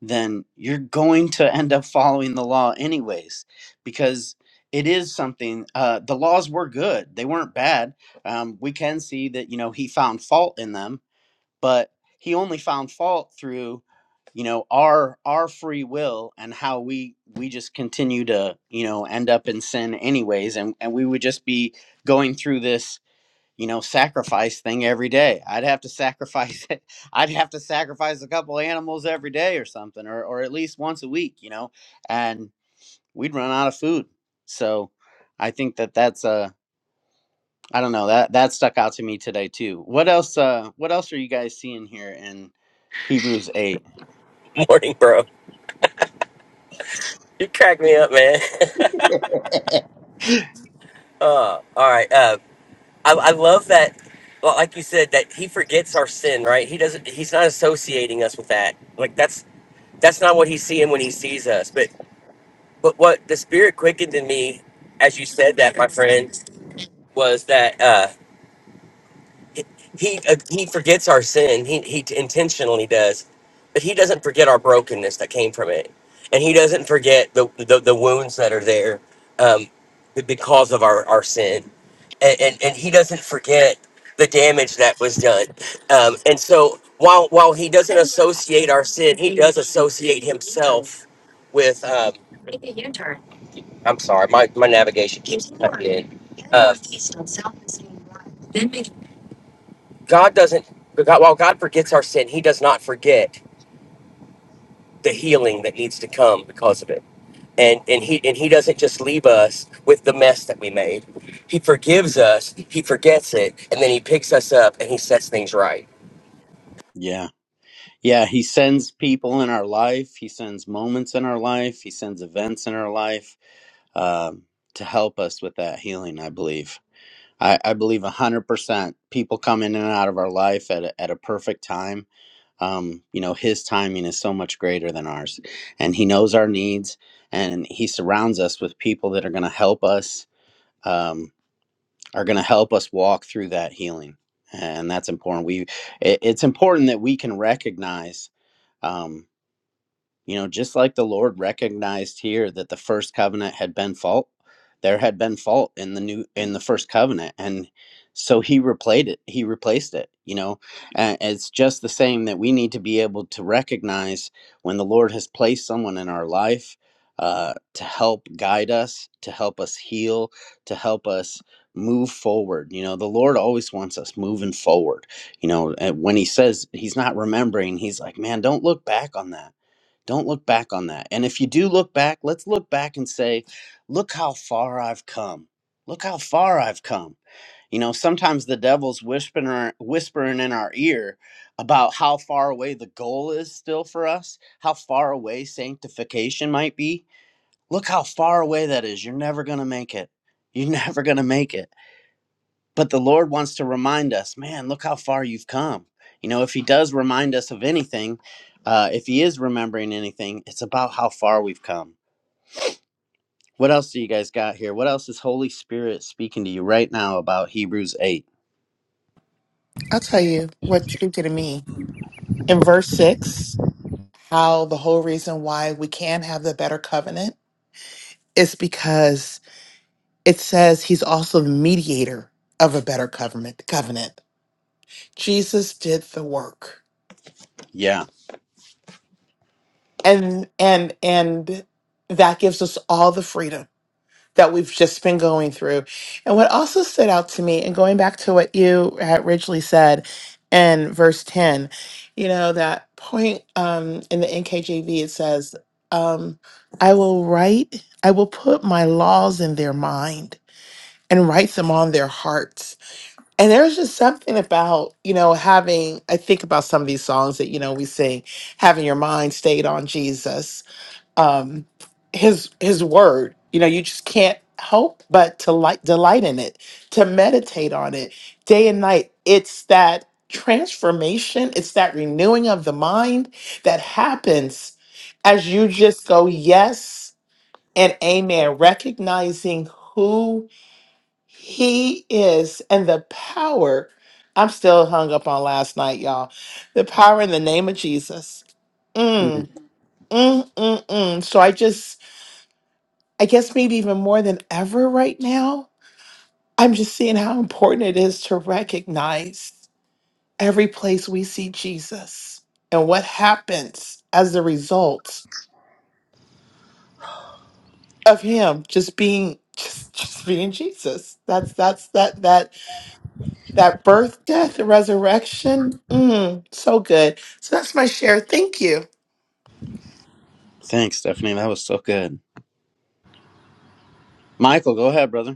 S8: then you're going to end up following the law anyways because it is something uh, the laws were good they weren't bad um, we can see that you know he found fault in them but he only found fault through you know our our free will and how we we just continue to you know end up in sin anyways and and we would just be going through this you know sacrifice thing every day i'd have to sacrifice it i'd have to sacrifice a couple animals every day or something or, or at least once a week you know and we'd run out of food so i think that that's uh i don't know that that stuck out to me today too what else uh what else are you guys seeing here in hebrews 8
S10: Morning, bro. You crack me up, man. uh, all right. Uh, I, I love that. Well, like you said, that he forgets our sin, right? He doesn't. He's not associating us with that. Like that's that's not what he's seeing when he sees us. But but what the spirit quickened in me, as you said that, my friend, was that. Uh, he uh, he forgets our sin. He he intentionally does, but he doesn't forget our brokenness that came from it, and he doesn't forget the the, the wounds that are there, um, be- because of our our sin, and and, and he doesn't forget the damage that was done, um, and so while while he doesn't associate our sin, he does associate himself with. Um, sorry, my my navigation keeps cutting in. Um, God doesn't, God, while God forgets our sin, He does not forget the healing that needs to come because of it. And, and he and he doesn't just leave us with the mess that we made. He forgives us, he forgets it, and then he picks us up and he sets things right.
S8: yeah yeah he sends people in our life he sends moments in our life he sends events in our life um to help us with that healing i believe I, I believe 100% people come in and out of our life at a, at a perfect time. Um, you know, his timing is so much greater than ours. And he knows our needs and he surrounds us with people that are going to help us, um, are going to help us walk through that healing. And that's important. We, it, it's important that we can recognize. um, you know, just like the Lord recognized here that the first covenant had been fault, there had been fault in the new in the first covenant, and so He replaced it. He replaced it. You know, and it's just the same that we need to be able to recognize when the Lord has placed someone in our life uh, to help guide us, to help us heal, to help us move forward. You know, the Lord always wants us moving forward. You know, and when He says He's not remembering, He's like, man, don't look back on that don't look back on that. And if you do look back, let's look back and say, look how far I've come. Look how far I've come. You know, sometimes the devil's whispering whispering in our ear about how far away the goal is still for us, how far away sanctification might be. Look how far away that is. You're never going to make it. You're never going to make it but the lord wants to remind us man look how far you've come you know if he does remind us of anything uh, if he is remembering anything it's about how far we've come what else do you guys got here what else is holy spirit speaking to you right now about hebrews 8
S7: I'll tell you what speaking to me in verse six. how the whole reason why we can have the better covenant is because it says he's also the mediator of a better covenant covenant. Jesus did the work.
S8: yeah
S7: And and and that gives us all the freedom that we've just been going through. And what also stood out to me, and going back to what you had originally said in verse 10, you know, that point um, in the NKJV, it says, um, I will write, I will put my laws in their mind and write them on their hearts. And there's just something about, you know, having, I think about some of these songs that, you know, we sing, having your mind stayed on Jesus um his his word you know you just can't help but to like delight in it to meditate on it day and night it's that transformation it's that renewing of the mind that happens as you just go yes and amen recognizing who he is and the power i'm still hung up on last night y'all the power in the name of jesus
S8: Mm.
S7: mm, mm, mm, mm. so i just I guess maybe even more than ever right now, I'm just seeing how important it is to recognize every place we see Jesus and what happens as the result of him just being just, just being Jesus. That's that's that that that birth, death, and resurrection. Mm, so good. So that's my share. Thank you.
S8: thanks stephanie that was so good michael go ahead brother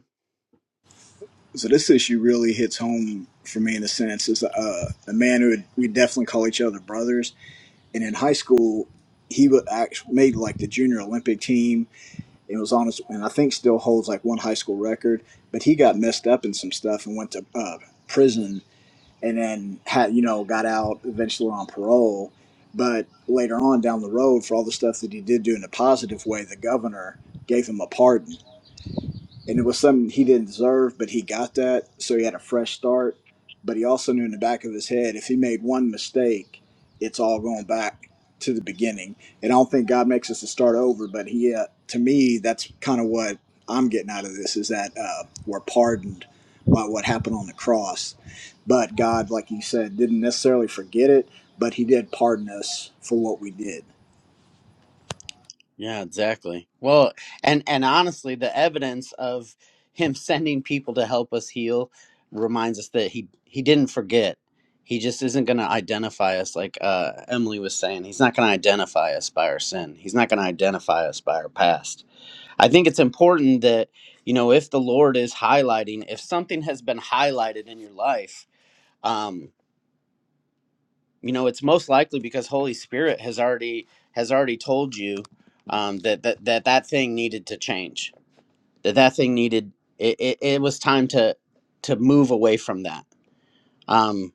S11: So this issue really hits home for me in a sense. Is uh, a man who would, we definitely call each other brothers. And in high school, he would act made like the junior Olympic team It was on his and I think still holds like one high school record. But he got messed up in some stuff and went to uh, prison and then had you know got out eventually on parole. But later on down the road, for all the stuff that he did do in a positive way, the governor gave him a pardon and it was something he didn't deserve, but he got that, so he had a fresh start. But he also knew in the back of his head, if he made one mistake, it's all going back to the beginning. And I don't think God makes us to start over, but he, uh, to me, that's kind of what I'm getting out of this is that uh, we're pardoned by what happened on the cross. But God, like you said, didn't necessarily forget it, but he did pardon us for what we did.
S8: Yeah, exactly. Well, and and honestly, the evidence of him sending people to help us heal reminds us that he he didn't forget. He just isn't going to identify us like uh, Emily was saying. He's not going to identify us by our sin. He's not going to identify us by our past. I think it's important that you know if the Lord is highlighting, if something has been highlighted in your life. um, you know it's most likely because holy spirit has already has already told you um, that, that that that thing needed to change that that thing needed it, it, it was time to to move away from that um,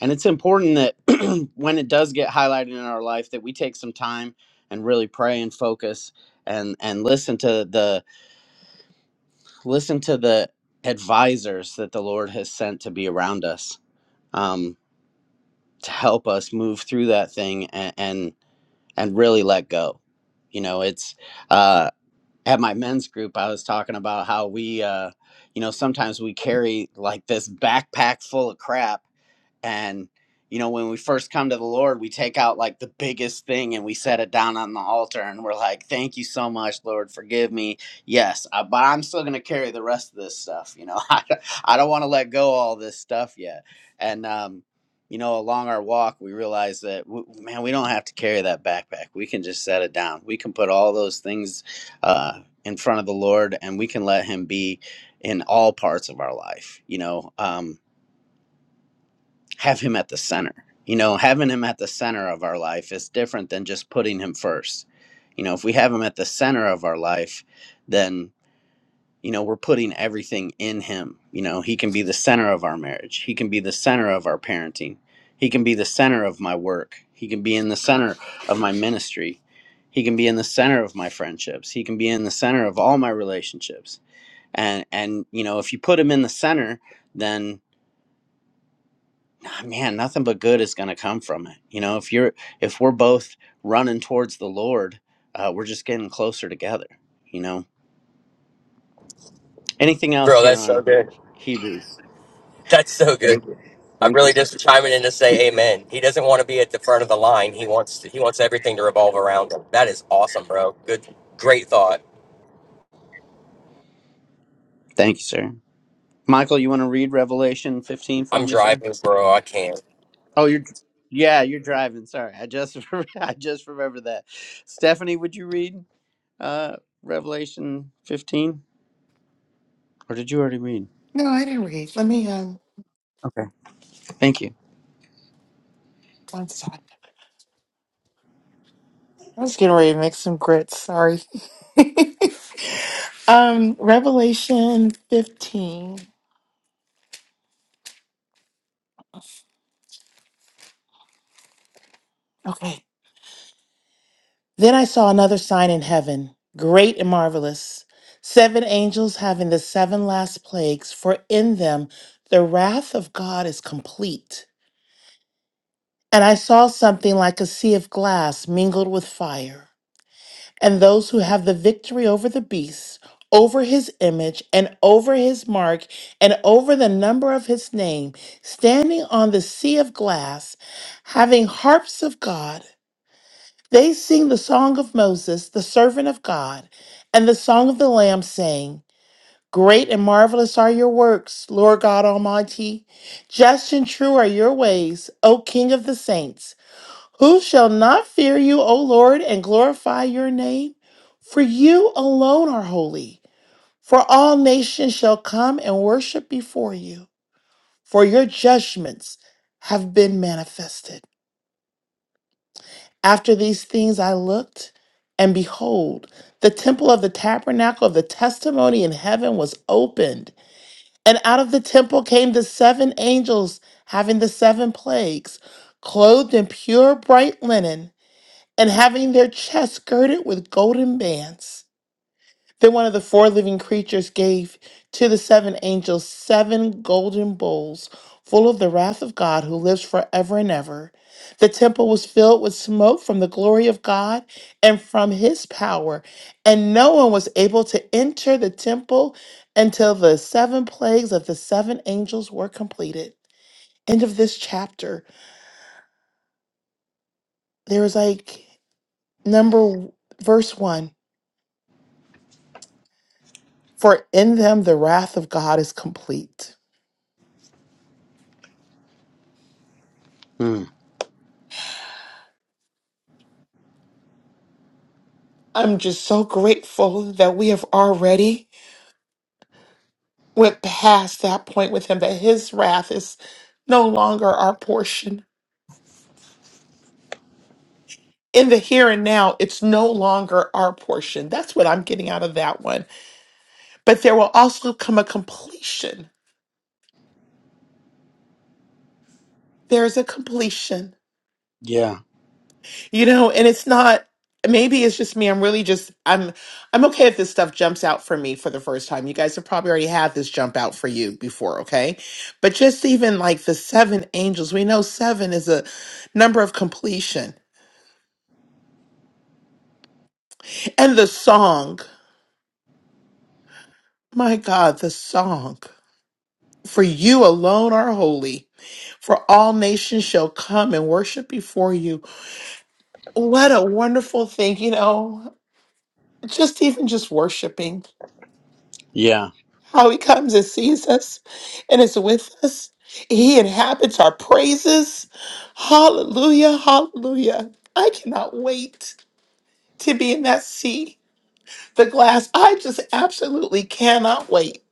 S8: and it's important that when it does get highlighted in our life that we take some time and really pray and focus and and listen to the listen to the advisors that the lord has sent to be around us um, to help us move through that thing and. and and really let go. You know, it's uh, at my men's group, I was talking about how we, uh, you know, sometimes we carry like this backpack full of crap and, you know, when we first come to the Lord, we take out like the biggest thing and we set it down on the altar and we're like, thank you so much, Lord, forgive me. Yes, I, but I'm still going to carry the rest of this stuff. You know, I, don't- I don't want to let go all this stuff yet. And, um, you know, along our walk, we realize that, w- man, we don't have to carry that backpack. We can just set it down. We can put all those things uh, in front of the Lord and we can let Him be in all parts of our life. You know, um, have him at the center. You know, having him at the center of our life is different than just putting him first. You know, if we have him at the center of our life, then, you know, we're putting everything in him. You know, he can be the center of our marriage, he can be the center of our parenting, he can be the center of my work, he can be in the center of my ministry, he can be in the center of my friendships, he can be in the center of all my relationships. And, and you know if you put him in the center then "Ah, man, nothing but good is going to come from it. You know, if you're if we're both running towards the Lord, uh, we're just getting closer together. You know, anything else
S10: Bro,
S8: here
S10: that's so
S8: on
S10: good.
S8: Hebrews?
S10: That's so good. Thank you. I'm
S8: Thank,
S10: really just chiming in to say amen. He doesn't want to be at the front of the line. He wants to, he wants everything to revolve around him. That is awesome, bro. Good great thought.
S8: thank you, sir. Michael, you want to read Revelation 15 for
S10: I'm
S8: me, sir?
S10: driving, bro. I can't.
S8: Oh, you're yeah, you're driving. Sorry, I just I just remembered that. Stephanie, would you read uh, Revelation 15, or did you already read?
S7: No, I didn't read. Let me um
S8: Okay, thank you.
S7: one side. I was getting ready to make some grits. Sorry. Um, Revelation 15. Okay. Then I saw another sign in heaven, great and marvelous. Seven angels having the seven last plagues, for in them the wrath of God is complete. And I saw something like a sea of glass mingled with fire. and those who have the victory over the beast, over his image, and over his mark, and over the number of his name, standing on the sea of glass, having harps of God. They sing the song of Moses, the servant of God, and the song of the Lamb, saying, Great and marvelous are your works, Lord God Almighty. Just and true are your ways, O King of the saints. Who shall not fear you, O Lord, and glorify your name? For you alone are holy, for all nations shall come and worship before you, for your judgments have been manifested. After these things I looked, and behold, the temple of the tabernacle of the testimony in heaven was opened, and out of the temple came the seven angels having the seven plagues, clothed in pure bright linen and having their chests girded with golden bands. Then one of the four living creatures gave to the seven angels seven golden bowls full of the wrath of God who lives forever and ever. The temple was filled with smoke from the glory of God and from his power, and no one was able to enter the temple until the seven plagues of the seven angels were completed. End of this chapter. There was like number verse 1. for in them the wrath of God is complete.
S8: Mm,
S7: I'm just so grateful that we have already went past that point with him, that his wrath is no longer our portion. In the here and now, it's no longer our portion. That's what I'm getting out of that one. But there will also come a completion. There's a completion.
S8: yeah,
S7: You know, and it's not maybe it's just me. I'm really just I'm I'm okay if this stuff jumps out for me for the first time. You guys have probably already had this jump out for you before, okay? But just even like the seven angels, we know seven is a number of completion. And the song, my God, the song. For you alone are holy, for all nations shall come and worship before you. What a wonderful thing, you know, just even just worshiping.
S8: yeah.
S7: how he comes and sees us and is with us. He inhabits our praises. Hallelujah, hallelujah. I cannot wait to be in that sea, the glass. I just absolutely cannot wait.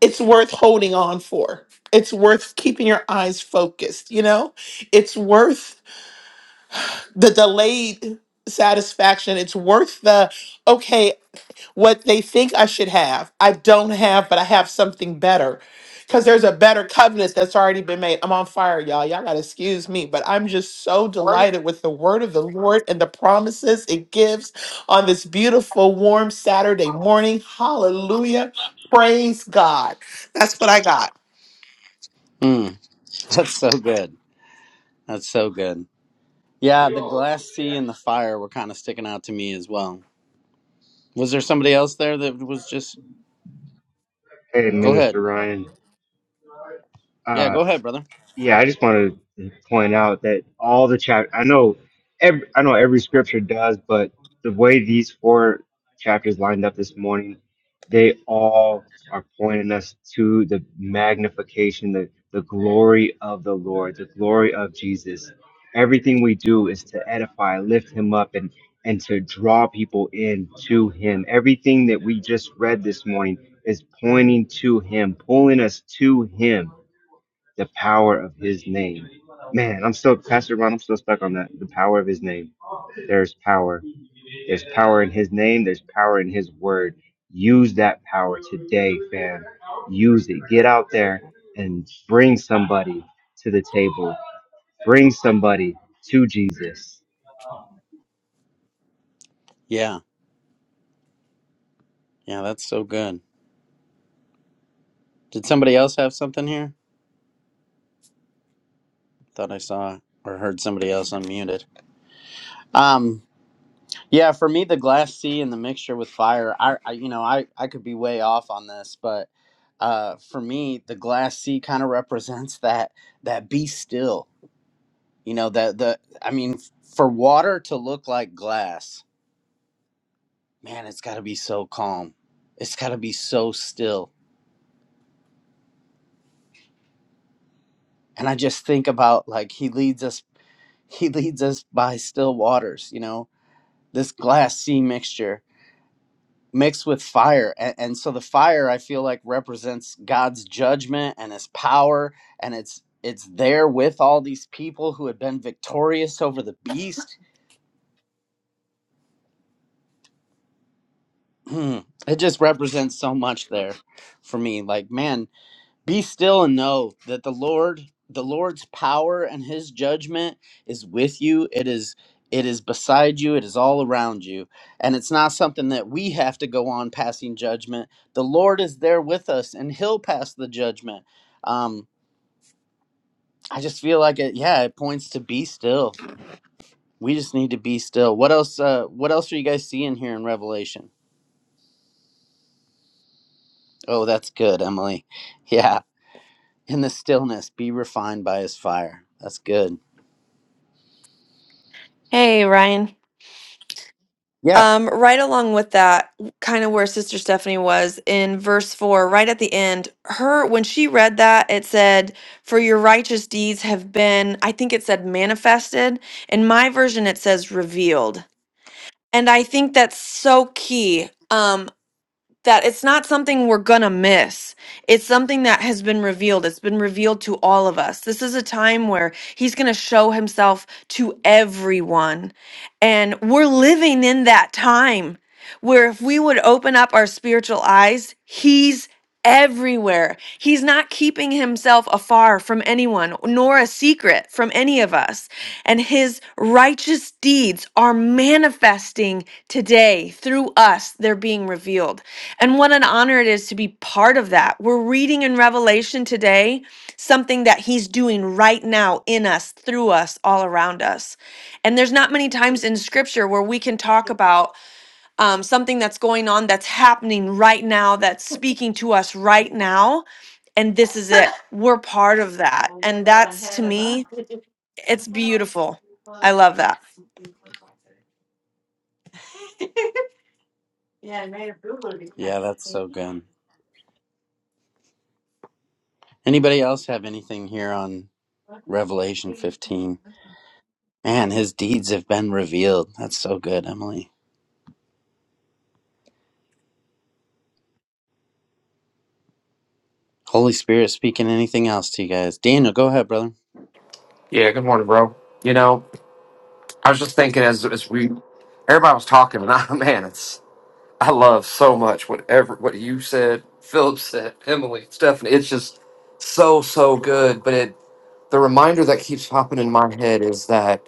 S7: It's worth holding on for. It's worth keeping your eyes focused, you know? It's worth the delayed satisfaction. It's worth the, okay, what they think I should have. I don't have, but I have something better. Because there's a better covenant that's already been made. I'm on fire, y'all. Y'all got to excuse me, but I'm just so
S12: Where
S7: delighted with
S12: did
S7: the word of the Lord and the promises it gives on this beautiful, warm Saturday morning. Hallelujah. Praise God. That's what I got.
S8: Mm, that's so good. That's so good. Yeah, the glass sea and the fire were kind of sticking out to me as well. Was there somebody else there that was just
S1: Hey,
S8: go
S1: Minister
S8: ahead?
S1: Ryan.
S8: Yeah,
S1: Uh.
S8: go ahead, brother.
S1: Yeah, I just want to point out that all the chap I know every I know every scripture does, but the way these four chapters lined up this morning, they all are pointing us to the magnification, the, the glory of the Lord, the glory of Jesus. Everything we do is to edify, lift him up and and to draw people in to him. Everything that we just read this morning is pointing to him, pulling us to him the power of his name. Man, I'm still, Pastor Ron, I'm still stuck on that. The power of his name. There's power. There's power in his name. There's power in his word. Use that power today, fam. Use it. Get out there and bring somebody to the table. Bring somebody to Jesus.
S8: Yeah, yeah, that's so good. Did somebody else have something here? Thought I saw or heard somebody else unmuted. Um, yeah, for me, the glass sea and the mixture with fire. I, I you know, I I could be way off on this, but uh, for me, the glass sea kind of represents that that be still. You know, that the I mean, for water to look like glass man, it's got to be so calm. It's got to be so still. And I just think about like he leads us he leads us by still waters, you know. This glass sea mixture mixed with fire and, and so the fire I feel like represents God's judgment and his power and it's it's there with all these people who had been victorious over the beast. it just represents so much there for me. Like man, Be still and know that the Lord, the Lord's power and his judgment is with you. It is it is beside you, it is all around you. And it's not something that we have to go on passing judgment. The Lord is there with us and he'll pass the judgment. Um I just feel like it yeah, it points to be still. We just need to be still. What else uh what else are you guys seeing here in Revelation? Oh, that's good, Emily. Yeah. In the stillness, be refined by his fire. That's good.
S6: Hey, Ryan.
S8: Yeah.
S6: Um, right along with that, kind of where Sister Stephanie was in verse four, right at the end, her when she read that, it said, For your righteous deeds have been, I think it said manifested. In my version, it says revealed. And I think that's so key. Um, that it's not something we're going to miss. It's something that has been revealed. It's been revealed to all of us. This is a time where he's going to show himself to everyone. And we're living in that time where if we would open up our spiritual eyes, he's everywhere. He's not keeping himself afar from anyone, nor a secret from any of us. And his righteous deeds are manifesting today through us. They're being revealed. And what an honor it is to be part of that. We're reading in Revelation today something that he's doing right now in us, through us, all around us. And there's not many times in scripture where we can talk about um, something that's going on, that's happening right now, that's speaking to us right now. And this is it. We're part of that. And
S12: Whatever I
S6: that's to
S12: had it on.
S6: me, it's beautiful. I love that.
S12: Yeah, I made a boo boo, didn't
S8: Yeah, that's so good. Anybody else have anything here on Revelation 15? Man, his deeds have been revealed. That's so good, Emily. Holy Spirit speaking anything else to you guys. Daniel, go ahead, brother.
S13: Yeah, good morning, bro. You know, I was just thinking as as we everybody was talking, and I man, it's I love so much whatever what you said, Philip said, Emily, Stephanie. It's just so so good. But it the reminder that keeps popping in my head is that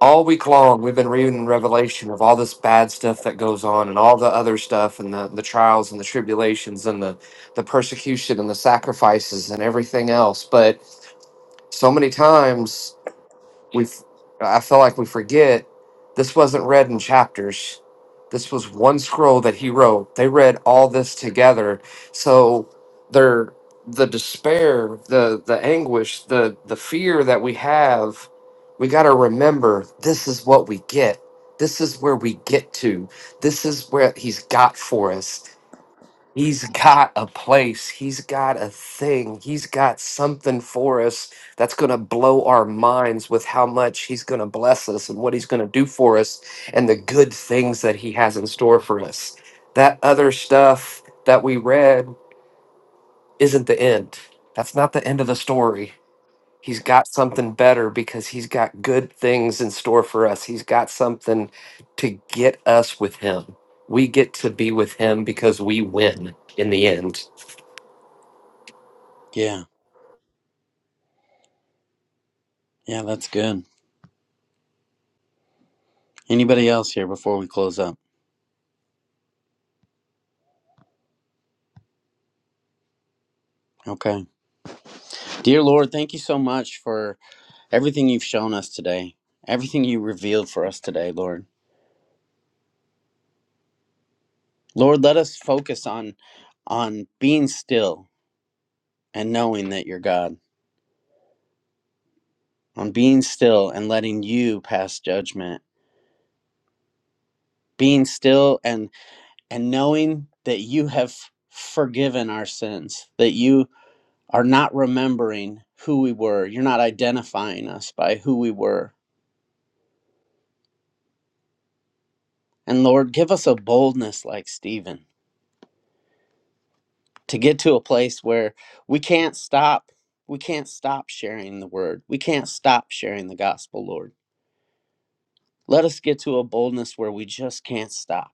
S13: all week long we've been reading Revelation of all this bad stuff that goes on and all the other stuff and the the trials and the tribulations and the the persecution and the sacrifices and everything else. But so many times. we f- I feel like we forget this wasn't read in chapters. This was one scroll that he wrote. They read all this together. So their the despair, the the anguish, the the fear that we have, we got to remember this is what we get. This is where we get to. This is where he's got for us. He's got a place. He's got a thing. He's got something for us that's going to blow our minds with how much He's going to bless us and what He's going to do for us and the good things that He has in store for us. That other stuff that we read isn't the end. That's not the end of the story. He's got something better because He's got good things in store for us. He's got something to get us with Him. We get to be with Him because we win in the end.
S8: Yeah, yeah, that's good. Anybody else here before we close up? Okay. Dear Lord, thank you so much for everything you've shown us today. Everything you revealed for us today, Lord. Lord, let us focus on on being still and knowing that you're God. on being still and letting you pass judgment being still and and knowing that you have forgiven our sins that you are not remembering who we were you're not identifying us by who we were and lord give us a boldness like stephen to get to a place where we can't stop we can't stop sharing the word we can't stop sharing the gospel lord let us get to a boldness where we just can't stop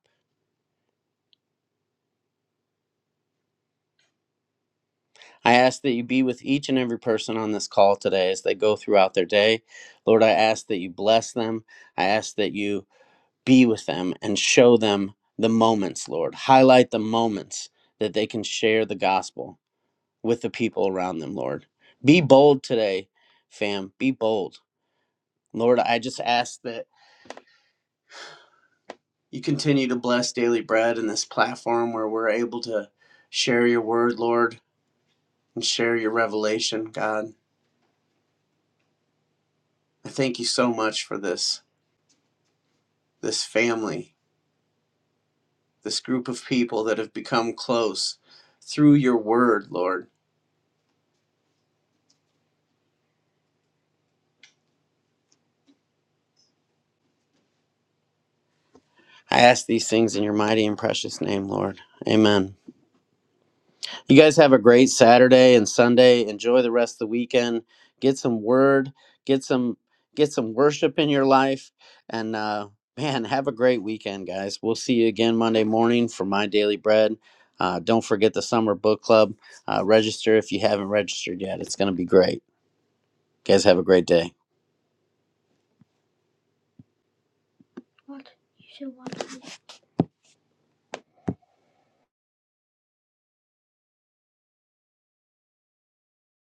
S8: I ask that you be with each and every person on this call today as they go throughout their day. Lord, I ask that you bless them. I ask that you be with them and show them the moments, Lord. Highlight the moments that they can share the gospel with the people around them, Lord. Be bold today, fam. Be bold. Lord, I just ask that you continue to bless Daily Bread and this platform where we're able to share your word, Lord, and share your revelation, God. I thank you so much for this. this family, this group of people that have become close through your word, Lord. I ask these things in your mighty and precious name, Lord. Amen. You guys have a great Saturday and Sunday. Enjoy the rest of the weekend. Get some word, get some get some worship in your life and uh man, have a great weekend, guys. We'll see you again Monday morning for my daily bread. Uh, don't forget the summer book club. Uh, register if you haven't registered yet. It's going to be great. You guys have a great day.